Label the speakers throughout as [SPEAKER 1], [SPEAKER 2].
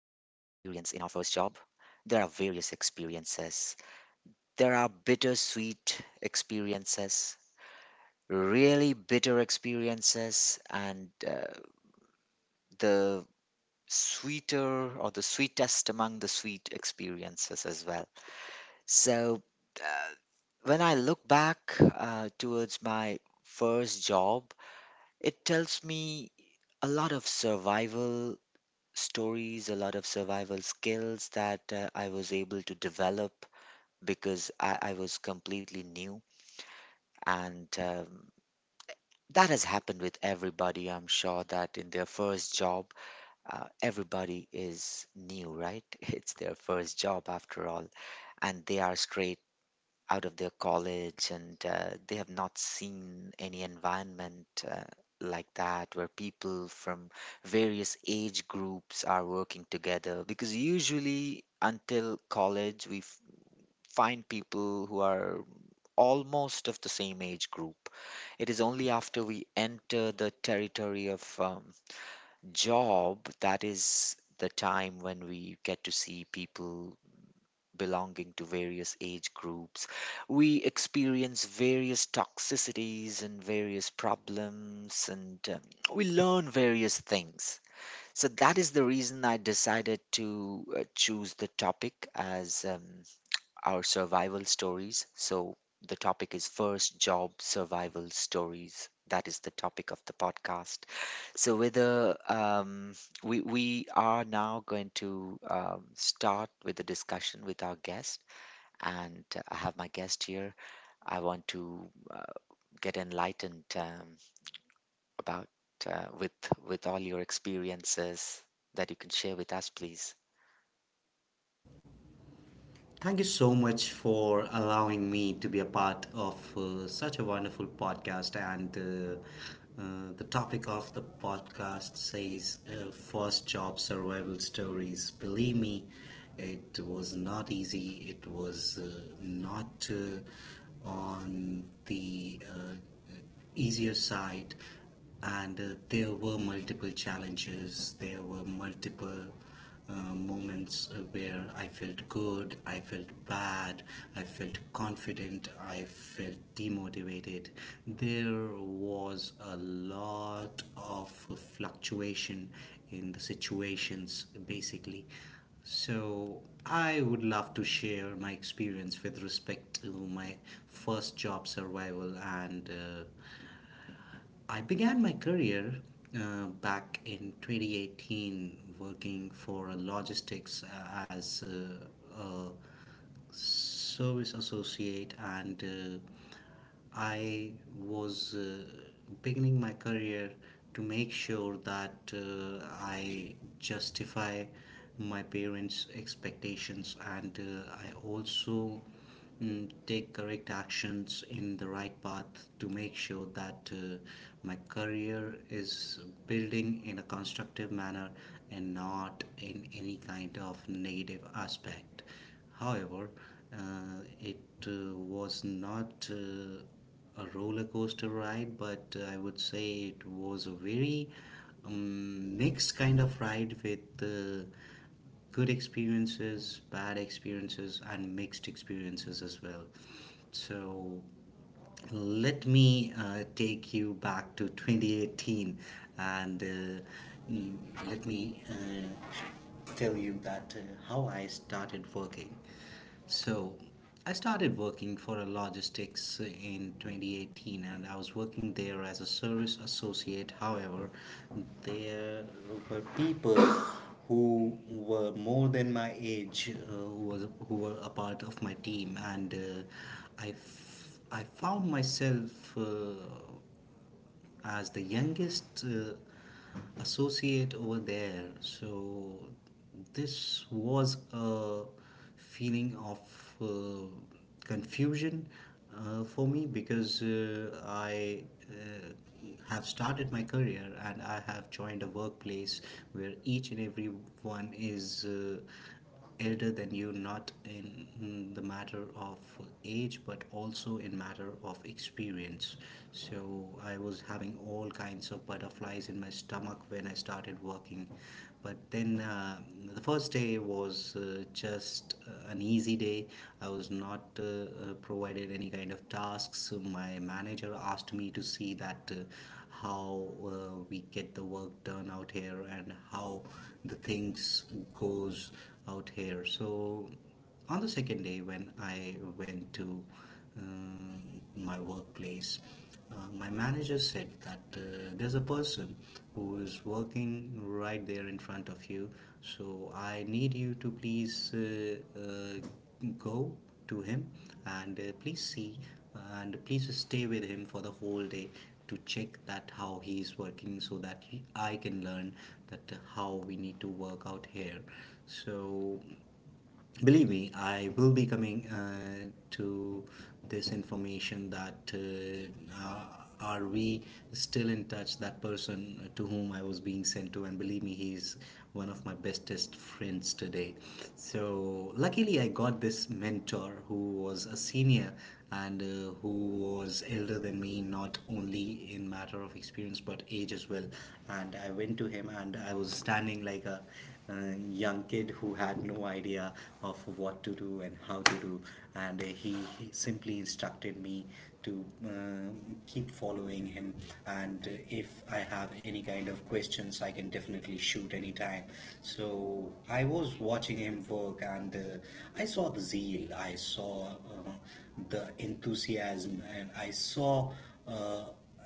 [SPEAKER 1] first job? There are various experiences. There are bittersweet experiences, really bitter experiences, and the sweeter or the sweetest among the sweet experiences as well. So, uh, when I look back towards my first job, it tells me a lot of survival stories, a lot of survival skills that I was able to develop because I was completely new. And that has happened with everybody. I'm sure that in their first job, everybody is new, right? It's their first job after all, and they are straight out of their college and they have not seen any environment like that where people from various age groups are working together because usually until college find people who are almost of the same age group. It is only after we enter the territory of job that is the time when we get to see people belonging to various age groups. We experience various toxicities and various problems, and we learn various things. So that is the reason I decided to choose the topic as our survival stories. So the topic is first job survival stories. That is the topic of the podcast. So whether we are now going to start with the discussion with our guest, and I have my guest here. I want to get enlightened about uh, with with all your experiences that you can share with us, please.
[SPEAKER 2] Thank you so much for allowing me to be a part of such a wonderful podcast. And the topic of the podcast says first job survival stories. Believe me, it was not easy. It was not on the easier side and there were multiple challenges, there were multiple moments where I felt good, I felt bad, I felt confident, I felt demotivated. There was a lot of fluctuation in the situations basically. So I would love to share my experience with respect to my first job survival, and I began my career back in 2018 working for a logistics as a service associate, and I was beginning my career to make sure that I justify my parents' expectations, and I also take correct actions in the right path to make sure that my career is building in a constructive manner and not in any kind of negative aspect. However, it was not a roller coaster ride, but I would say it was a very mixed kind of ride with good experiences, bad experiences, and mixed experiences as well. So let me take you back to 2018, and let me tell you that how I started working. So, I started working for a logistics in 2018, and I was working there as a service associate. However, there were people who were more than my age, who were a part of my team, and uh, I found myself as the youngest associate over there. So this was a feeling of uh, confusion for me, because I uh, have started my career and I have joined a workplace where each and every one is elder than you, not in the matter of age but also in matter of experience. So I was having all kinds of butterflies in my stomach when I started working. But then the first day was just an easy day. I was not provided any kind of tasks. My manager asked me to see that how we get the work done out here and how the things goes out here. So on the second day when I went to uh, my workplace, my manager said that there's a person who is working right there in front of you, so I need you to please go to him and please see, and please stay with him for the whole day to check that how he is working, so that I can learn that how we need to work out here. So believe me, I will be coming to this information that are we still in touch, that person to whom I was being sent to, and believe me, he's one of my bestest friends today. So luckily I got this mentor who was a senior, and who was elder than me, not only in matter of experience but age as well. And I went to him, and I was standing like a young kid who had no idea of what to do and how to do, and he simply instructed me to keep following him. And if I have any kind of questions, I can definitely shoot anytime. So I was watching him work, and I saw the zeal, I saw the enthusiasm, and I saw. Uh,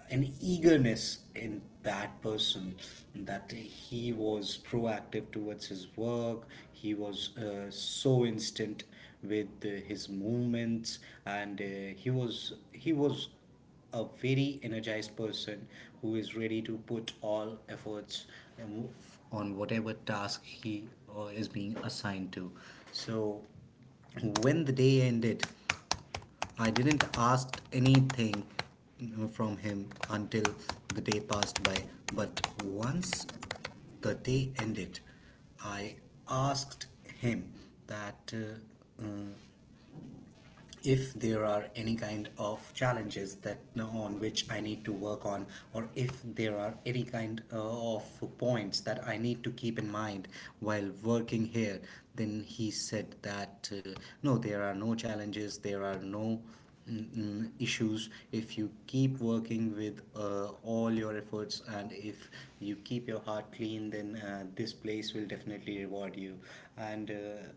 [SPEAKER 2] an eagerness in that person, that he was proactive towards his work. He was so instant with his movements, and he was a very energized person who is ready to put all efforts and move on whatever task he is being assigned to. So when the day ended, I didn't ask anything from him until the day passed by. But once the day ended, I asked him that if there are any kind of challenges that on which I need to work on, or if there are any kind of points that I need to keep in mind while working here, then he said that no, there are no challenges, there are no issues if you keep working with all your efforts, and if you keep your heart clean, then this place will definitely reward you. and uh,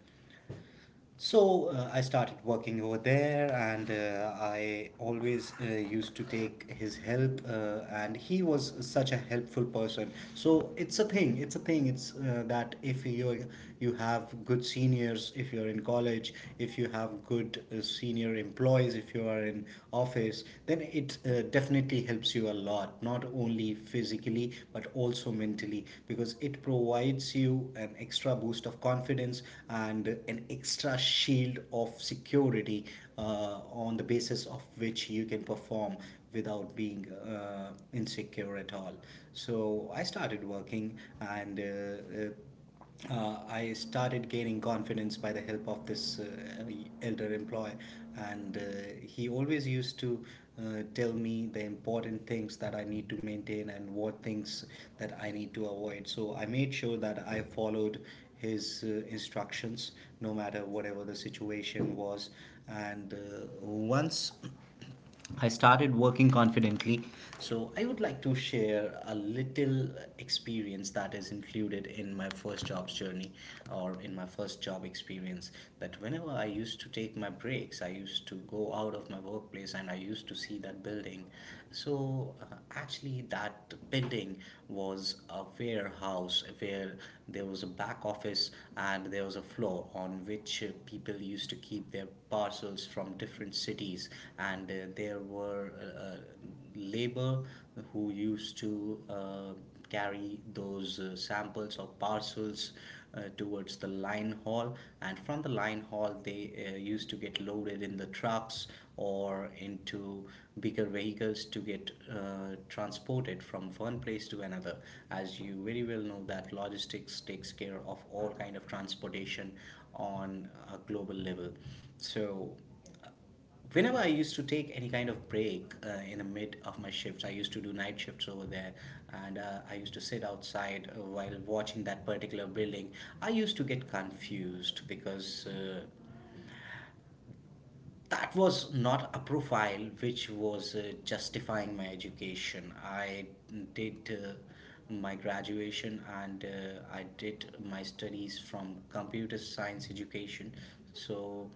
[SPEAKER 2] so uh, I started working over there, and I always used to take his help, and he was such a helpful person. So it's a thing. It's a thing. It's that if you have good seniors, if you're in college, if you have good senior employees, if you are in office, then it definitely definitely helps you a lot, not only physically but also mentally, because it provides you an extra boost of confidence and an extra shield of security on the basis of which you can perform without being insecure at all. So I started working, and uh, I started gaining confidence by the help of this elder employee, and he always used to tell me the important things that I need to maintain and what things that I need to avoid. So I made sure that I followed his instructions no matter whatever the situation was, and once I started working confidently. So I would like to share a little experience that is included in my first job's journey or in my first job experience. That whenever I used to take my breaks, I used to go out of my workplace and I used to see that building. So actually, that building was a warehouse where there was a back office and there was a floor on which people used to keep their parcels from different cities, and there were labor who used to carry those samples or parcels towards the line haul, and from the line haul they used to get loaded in the trucks or into bigger vehicles to get transported from one place to another, as you very well know that logistics takes care of all kind of transportation on a global level. So whenever I used to take any kind of break in the mid of my shifts, I used to do night shifts over there, and I used to sit outside while watching that particular building. I used to get confused because that was not a profile which was justifying my education. I did my graduation, and I did my studies from computer science education. So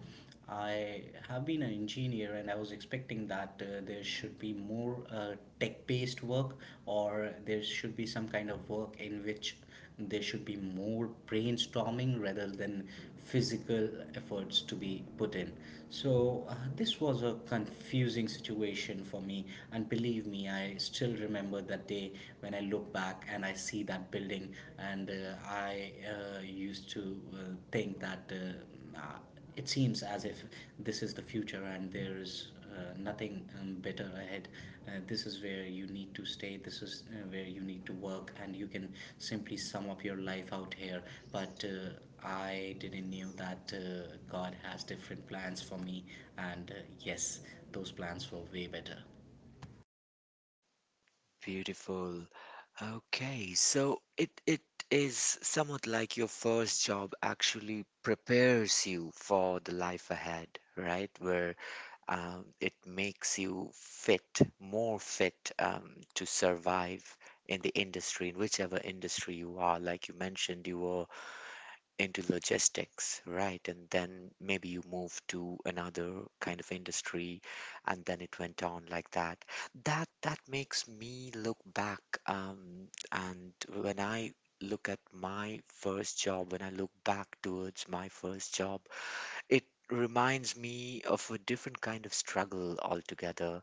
[SPEAKER 2] I have been an engineer, and I was expecting that there should be more tech based work, or there should be some kind of work in which there should be more brainstorming rather than physical efforts to be put in. So this was a confusing situation for me, and believe me, I still remember that day when I look back and I see that building. And uh, i uh, used to think that it seems as if this is the future and there is nothing better ahead. This is where you need to stay. This is where you need to work, and you can simply sum up your life out here. But I didn't knew that God has different plans for me, and yes, those plans were way better.
[SPEAKER 1] Beautiful. Okay, so it is somewhat like your first job actually prepares you for the life ahead, right? Where it makes you fit, more fit to survive in the industry, in whichever industry you are. Like you mentioned, you were into logistics, right? And then maybe you move to another kind of industry, and then it went on like that. That makes me look back, and when I look at my first job, when I look back towards my first job, it reminds me of a different kind of struggle altogether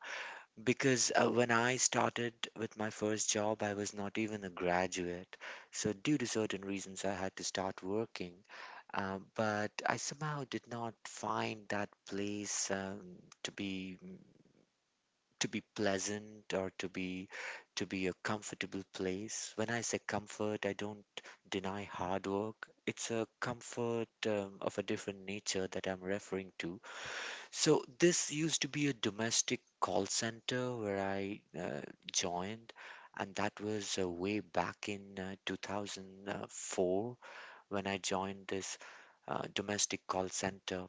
[SPEAKER 1] because when I started with my first job, I was not even a graduate. So, due to certain reasons, I had to start working. But I somehow did not find that place to be pleasant or to be a comfortable place. When I say comfort, I don't deny hard work. It's a comfort of a different nature that I'm referring to. So this used to be a domestic call center where I joined, and that was way back in 2004 when I joined this domestic call center.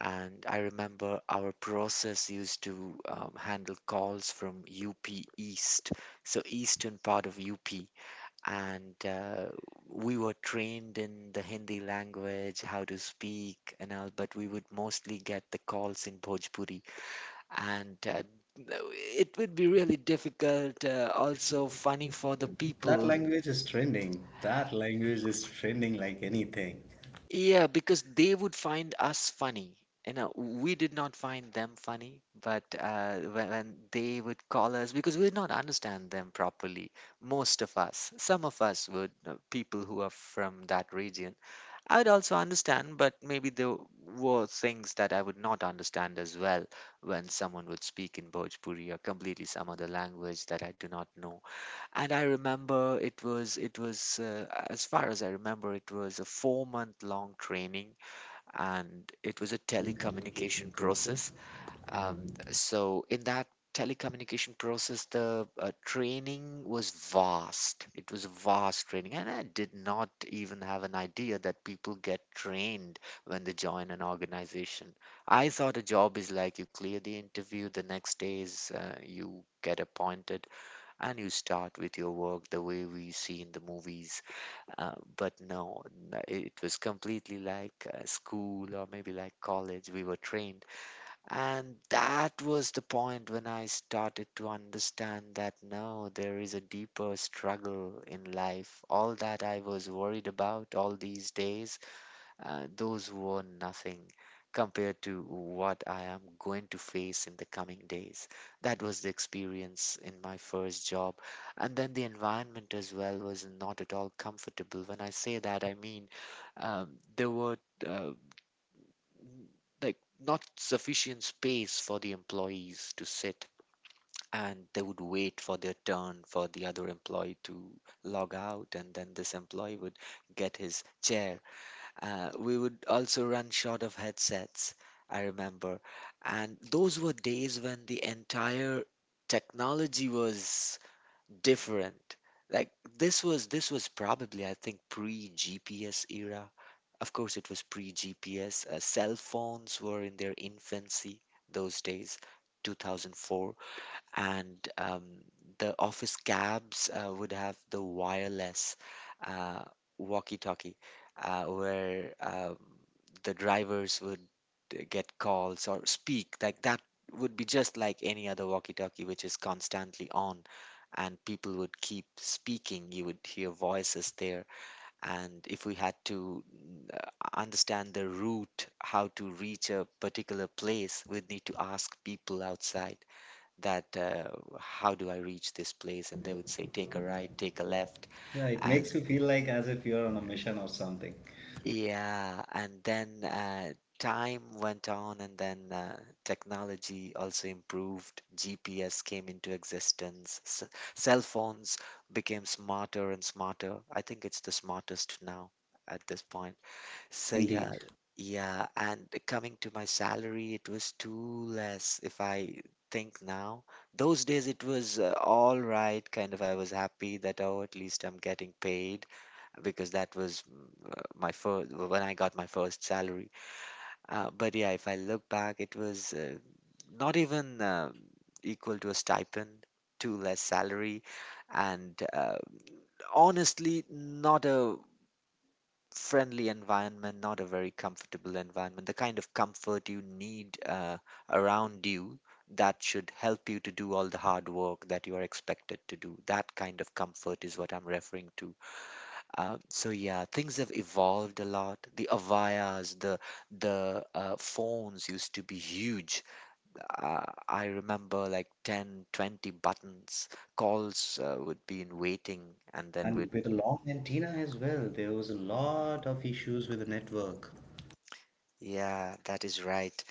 [SPEAKER 1] And I remember our process used to handle calls from UP East, so eastern part of UP, and we were trained in the Hindi language, how to speak, and all, but we would mostly get the calls in Bhojpuri, and no, it would be really difficult, also funny for the
[SPEAKER 2] That Totally.
[SPEAKER 1] people.
[SPEAKER 2] Language is trending. That language is trending like anything.
[SPEAKER 1] Yeah, because they would find us funny. We did not find them funny, but when they would call us, because we did not understand them properly, most of us some of us would people who are from that region I would also understand, but maybe there were things that I would not understand as well when someone would speak in Bhojpuri or completely some other language that I do not know. And I remember it was as far as I remember it was a 4-month long training, and it was a
[SPEAKER 2] Telecommunication
[SPEAKER 1] telecommunication
[SPEAKER 2] process.
[SPEAKER 1] process. um,
[SPEAKER 2] Um,
[SPEAKER 1] so in that telecommunication process, the training was vast. It was vast training, and I did not even have an idea that people get trained when they join an organization. I thought a job is like you clear the interview, the next day is you get appointed, and you start with your work the way we see in the movies. But no, it was completely like school or maybe like college. We were trained, and that was the point when I started to understand that no, there is a deeper struggle in life. All that I was worried about all these days, those were nothing compared to what I am going to face in the coming days. That was the experience in my first job. And then the environment as well was not at all comfortable. When I say that, I mean um, there were. uh, like, not sufficient space for the employees to sit, and they would wait for their turn for the other employee to log out and then this employee would get his chair. We would also run short of headsets, I remember. And those were days when the entire technology was different, like this was probably, I think, pre GPS era. Of course, it was pre GPS. Cell phones were in their infancy those days, 2004. And the office cabs would have the wireless uh, walkie talkie, where the drivers would get calls or speak. Like that would be just like any other walkie talkie, which is constantly on, and people would keep speaking. You would hear voices there. And if we had to understand the route, how to reach a particular place, we'd need to ask people outside that how do I reach this place, and
[SPEAKER 2] and they
[SPEAKER 1] they would
[SPEAKER 2] will
[SPEAKER 1] say
[SPEAKER 2] say, take
[SPEAKER 1] take a
[SPEAKER 2] a right,
[SPEAKER 1] right,
[SPEAKER 2] take
[SPEAKER 1] take a
[SPEAKER 2] a left.
[SPEAKER 1] left,
[SPEAKER 2] Yeah, it And
[SPEAKER 1] and
[SPEAKER 2] makes you feel like as if you're on a mission or something.
[SPEAKER 1] yeah, and then time went on, and then technology also improved. GPS came into existence. S Cell phones became smarter and smarter. I think it's the smartest now at this point. So, yeah,
[SPEAKER 2] Indeed.
[SPEAKER 1] yeah. And coming to my salary, it was too less if I think now. Those days it was all right, kind of. I was happy that, oh, at least I'm getting paid, because that was my first when I got my first salary. But yeah, if I look back, it was not even equal to a stipend, too less salary, and honestly, not a friendly environment, not a very comfortable environment. The kind of comfort you need around you that should help you to do all the hard work that you are expected to do. That kind of comfort is what I'm referring to. So yeah, things have evolved a lot. The avayas, the phones used to be huge. I remember, like, 10, 20 buttons. Calls would be in waiting, and then would.
[SPEAKER 2] And with a long antenna as well, there was a lot of issues with the network.
[SPEAKER 1] Yeah, that is right.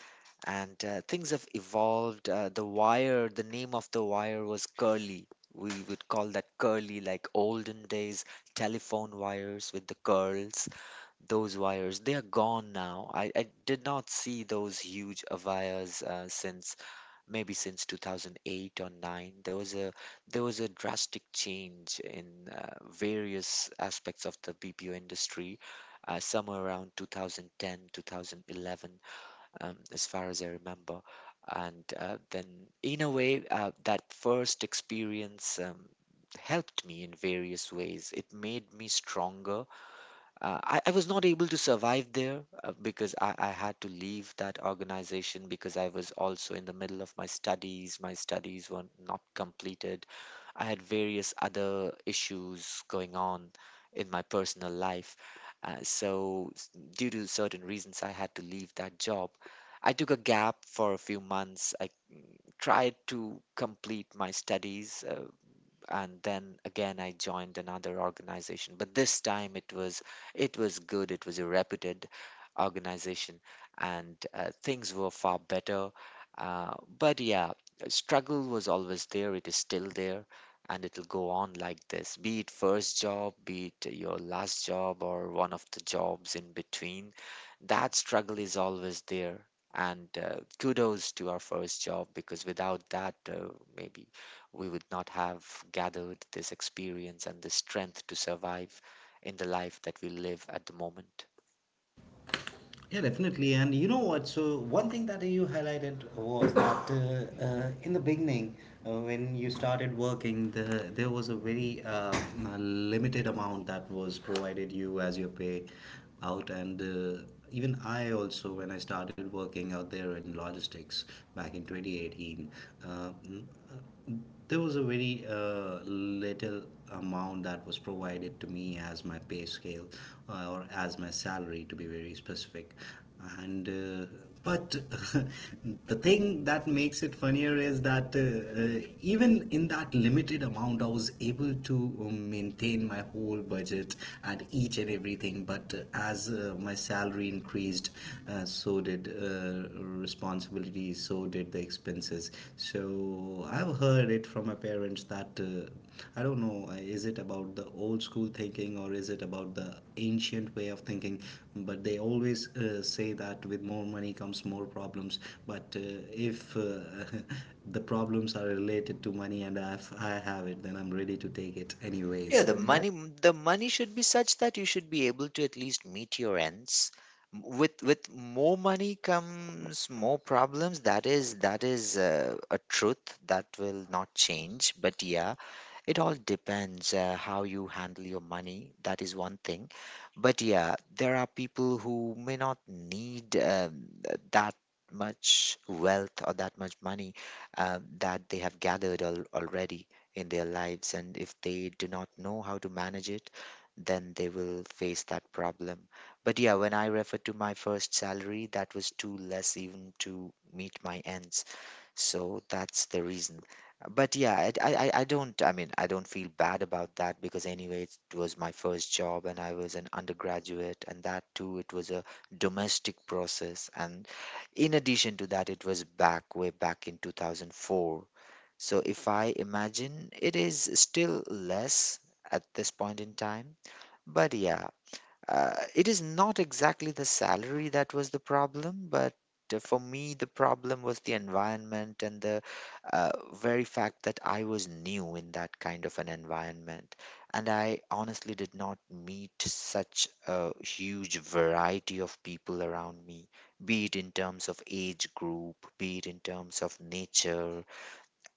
[SPEAKER 1] And things have evolved. The wire, the name of the wire was curly. We would call that curly, like olden days telephone wires with the curls. Those wires, they are gone now. I did not see those huge wires since maybe since 2008 or 9. There was a drastic change in various aspects of the BPO industry somewhere around 2010, 2011, as far as I remember. And then, in a way, that first experience helped me in various ways. It made me stronger. I was not able to survive there because I had to leave that organization because I was also in the middle of my studies. My studies were not completed. I had various other issues going on in my personal life. Uh, so, s- Due to certain reasons, I had to leave that job. I took a gap for a few months. I tried to complete my studies. And then again I joined another organization. But this time it was good. It was a reputed organization, and things were far better. But yeah, struggle was always there. It is still there, and it'll go on like this. Be it first job, be it your last job, or one of the jobs in between, that struggle is always there. And kudos to our first job, because without that, maybe we would not have gathered this experience and this strength to survive in the life that we live at the moment.
[SPEAKER 2] Yeah, definitely. And you know what? So, one thing that you highlighted was that in the beginning, when you started working, the, there was a very limited amount that was provided you as your pay out. And even I also, when I started working out there in logistics back in 2018, uh, mm, uh, there was a very little amount that was provided to me as my pay scale or as my salary, to be very specific. And but the thing that makes it funnier is that even in that limited amount, I was able to maintain my whole budget at each and everything. But as my salary increased, so did responsibilities, so did the expenses. So I've heard it from my parents that I don't know, is it about the old school thinking or is it about the ancient way of thinking? But they always say that with more money comes more problems. But if the problems are related to money and I have it, then I'm ready to take it. Yeah,
[SPEAKER 1] Yeah,
[SPEAKER 2] anyways.
[SPEAKER 1] the
[SPEAKER 2] Yeah, the
[SPEAKER 1] money the money should be such that you should be able to at least meet your ends. With more money comes more problems. That is a truth that will not change. But yeah, it all depends how you handle your money. That is one thing. But yeah, there are people who may not need that much wealth or that much money that they have gathered al already in their lives. And if they do not know how to manage it, then they will face that problem. But yeah, when I refer to my first salary, that was too less even to meet my ends. So that's the reason. But yeah, I don't, I mean, I don't feel bad about that because anyway, it was my first job and I was an undergraduate, and that too, it was a domestic process. And in addition to that, it was back way back in 2004. So if I imagine, it is still less at this point in time. But yeah, it is not exactly the salary that was the problem, but for me, the problem was the environment and the very fact that I was new in that kind of an environment. And I honestly did not meet such a huge variety of people around me, be it in terms of age group, be it in terms of nature,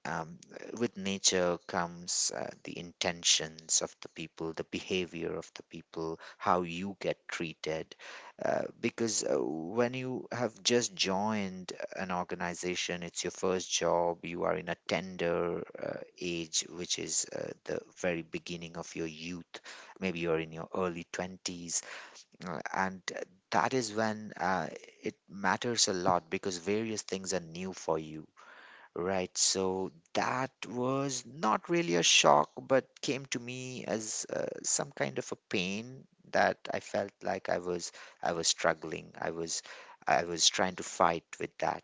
[SPEAKER 1] um, with nature comes the intentions of the people, the behavior of the people, how you get treated. Because when you have just joined an organization, it's your first job, you are in a tender age, which is the very beginning of your youth. Maybe you're in your early 20s. And That is when it matters a lot because various things are new for you. Right, so that was not really a shock, but came to me as some kind of a pain that I felt like I was struggling. I was trying to fight with that,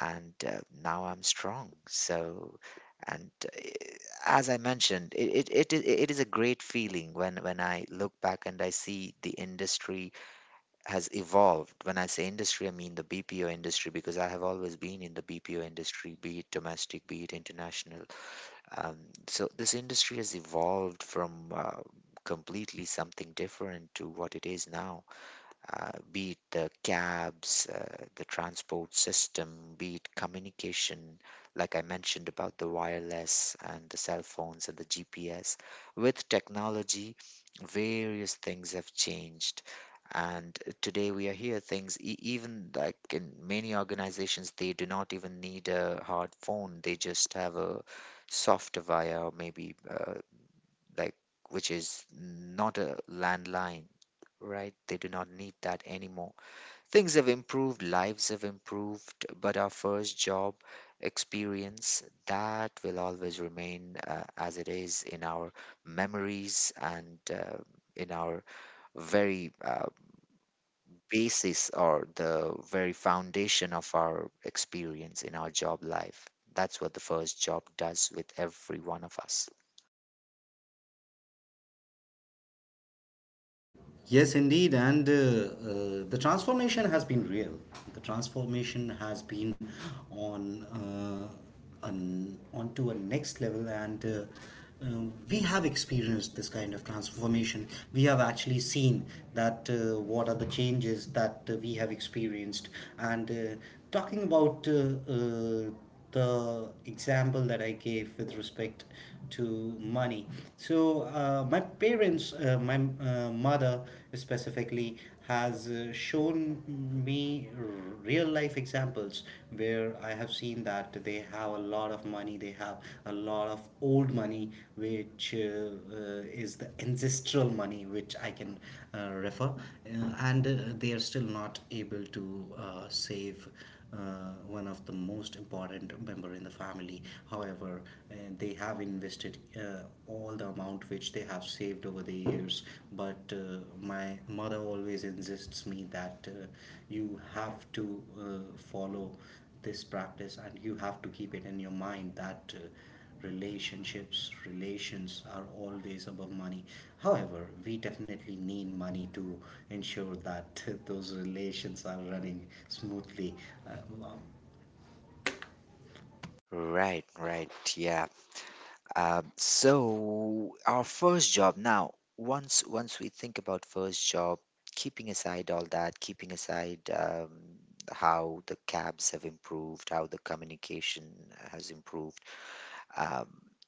[SPEAKER 1] and now I'm strong. So, and uh, as I mentioned, it is a great feeling when I look back and I see the industry has evolved. When I say industry, I mean the BPO industry because I have always been in the BPO industry, be it domestic, be it international. Um, so this industry has evolved from completely something different to what it is now, be it the cabs, the transport system, be it communication, like I mentioned about the wireless and the cell phones and the GPS. With technology, various things have changed. And today we are here things, even like in many organizations, they do not even need a hard phone. They just have a soft via or maybe like which is not a landline, right? They do not need that anymore. Things have improved, lives have improved, but our first job experience that will always remain as it is in our memories and in our very basis or the very foundation of our experience in our job life. That's what the first job does with every one of us.
[SPEAKER 2] Yes, indeed, and the transformation has been real. The transformation has been on onto a next level, and we have experienced this kind of transformation. We have actually seen that what are the changes that we have experienced, and talking about the example that I gave with respect to money. So my parents, my mother specifically, has shown me real life examples where I have seen that they have a lot of money, they have a lot of old money, which is the ancestral money, which I can refer, and they are still not able to save one of the most important member in the family. However, they have invested all the amount which they have saved over the years, but my mother always insists me that you have to follow this practice and you have to keep it in your mind that relationships relations are always above money. However, we definitely need money to ensure that those relations are running smoothly. uh, um,
[SPEAKER 1] Right, right. Yeah. So our first job now, once we think about first job, keeping aside all that, keeping aside how the cabs have improved, how the communication has improved, um,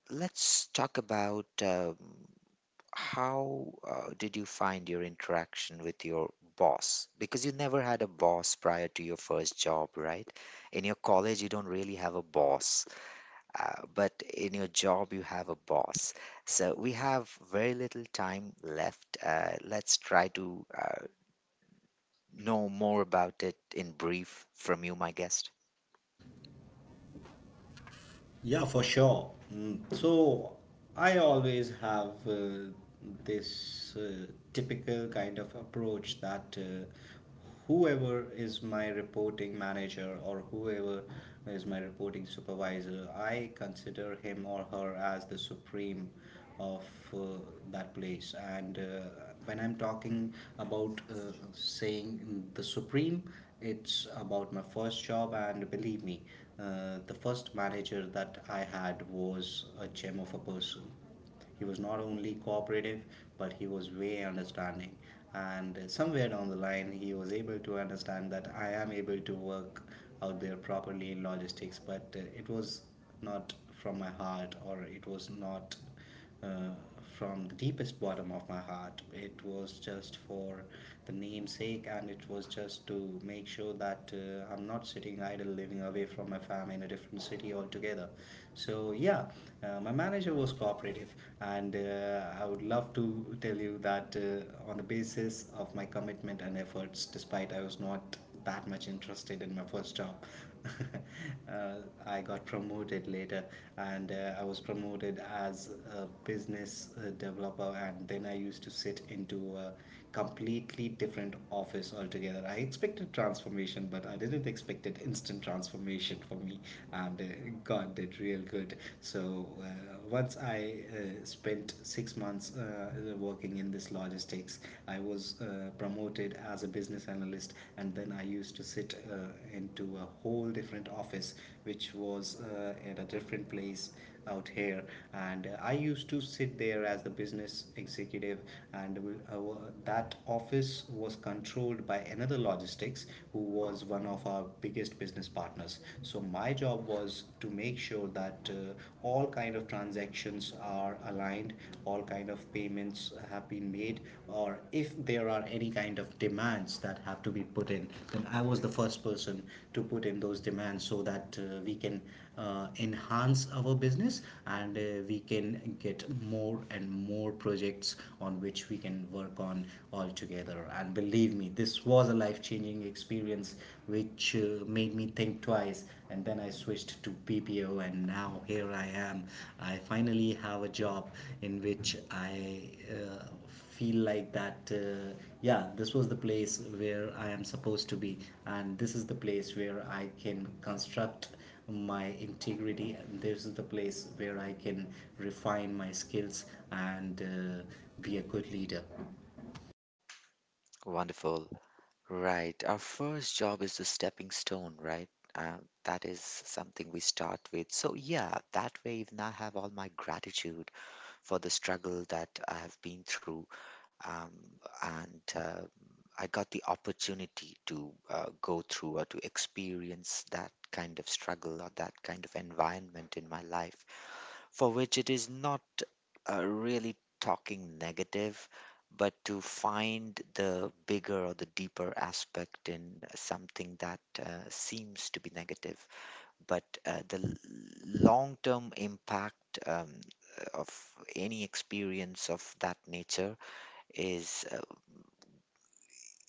[SPEAKER 1] let's talk about how did you find your interaction with your boss? Because you never had a boss prior to your first job, right? In your college, you don't really have a boss, but in your job you have a boss. So we have very little time left. Let's try to know more about it in brief from you, my guest.
[SPEAKER 2] yeah, for sure. Mm, so I always have this typical kind of approach that whoever is my reporting manager or whoever is my reporting supervisor, I consider him or her as the supreme of uh, that place. And when I'm talking about saying the supreme, it's about my first job, and believe me, the first manager that I had was a gem of a person. He was not only cooperative, but he was way understanding, and somewhere down the line he was able to understand that I am able to work out there properly in logistics, but it was not from my heart, or it was not uh, from the deepest bottom of my heart. It was just for the namesake, and it was just to make sure that I'm not sitting idle, living away from my family in a different city altogether. So yeah, my manager was cooperative, and I would love to tell you that on the basis of my commitment and efforts, despite I was not that much interested in my first job. uh, I got promoted later, and I was promoted as a business developer, and then I used to sit into a completely different office altogether. I expected transformation, but I didn't expect it instant transformation for me, and God did real good. So once I spent 6 months working in this logistics, I was promoted as a business analyst, and then I used to sit into a whole different office, which was at a different place out here. And I used to sit there as the business executive, and that office was controlled by another logistics who was one of our biggest business partners. So, and my job was to make sure that all kind of transactions are aligned, all kind of payments have been made, or if there are any kind of demands that have to be put in, then I was the first person to put in those demands so that we can enhance our business, and we can get more and more projects on which we can work on all together. And believe me, this was a life changing experience which made me think twice, and then I switched to PPO, and now here I am. I finally have a job in which I feel like that yeah, this was the place where I am supposed to be, and this is the place where I can construct my integrity, and this is the place where I can refine my skills and be a good leader.
[SPEAKER 1] Wonderful. Right. Our first job is the stepping stone, right? That is something we start with. So, yeah, that way even I have all my gratitude for the struggle that I have been through. Um, and I got the opportunity to go through or to experience that kind of struggle or that kind of environment in my life, for which it is not really talking negative, but to find the bigger or the deeper aspect in something that seems to be negative, but the long-term impact um, of any experience of that nature is,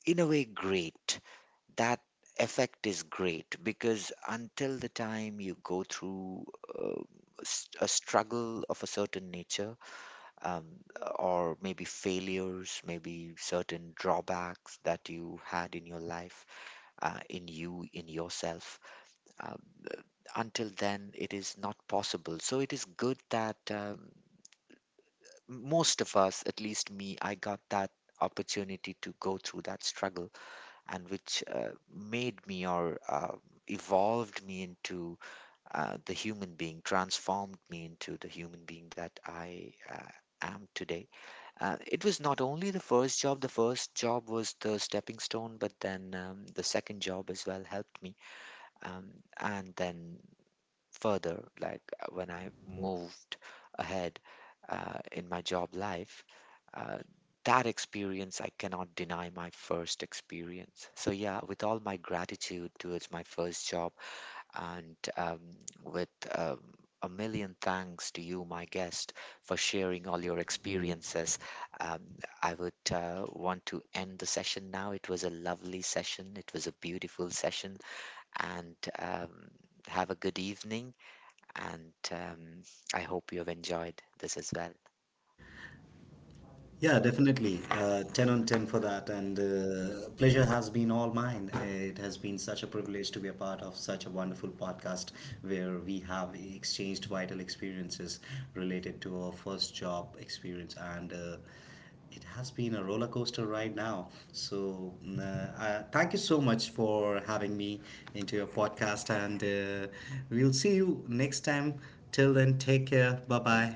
[SPEAKER 1] in a way, great. That effect is great because until the time you go through uh, a struggle of a certain nature, um, or maybe failures, maybe certain drawbacks that you had in your life, in yourself, um, uh, until then, it is not possible. So it is good that most of us, at least me, I got that opportunity to go through that struggle, and which made me or evolved me into the human being, transformed me into the human being that I am today. It was not only the first job was the stepping stone, but then the second job as well helped me. Um, and then further, like when I moved ahead in my job life, uh, that experience, I cannot deny my first experience. So, yeah, with all my gratitude towards my first job and with um, a million thanks to you, my guest, for sharing all
[SPEAKER 2] Your
[SPEAKER 1] your
[SPEAKER 2] experiences.
[SPEAKER 1] experiences. Um, I would want to end the session now. It was a lovely session, it was a beautiful session, and have a good evening, and I hope you have enjoyed this as well.
[SPEAKER 2] Yeah, definitely. 10 on 10 for that. And pleasure has been all mine. It has been such a privilege to be a part of such a wonderful podcast where we have exchanged vital experiences related to our first job experience. And it has been a roller coaster right now. So, thank you so much for having me into your podcast. And we'll see you next time. Till then, take care. Bye bye.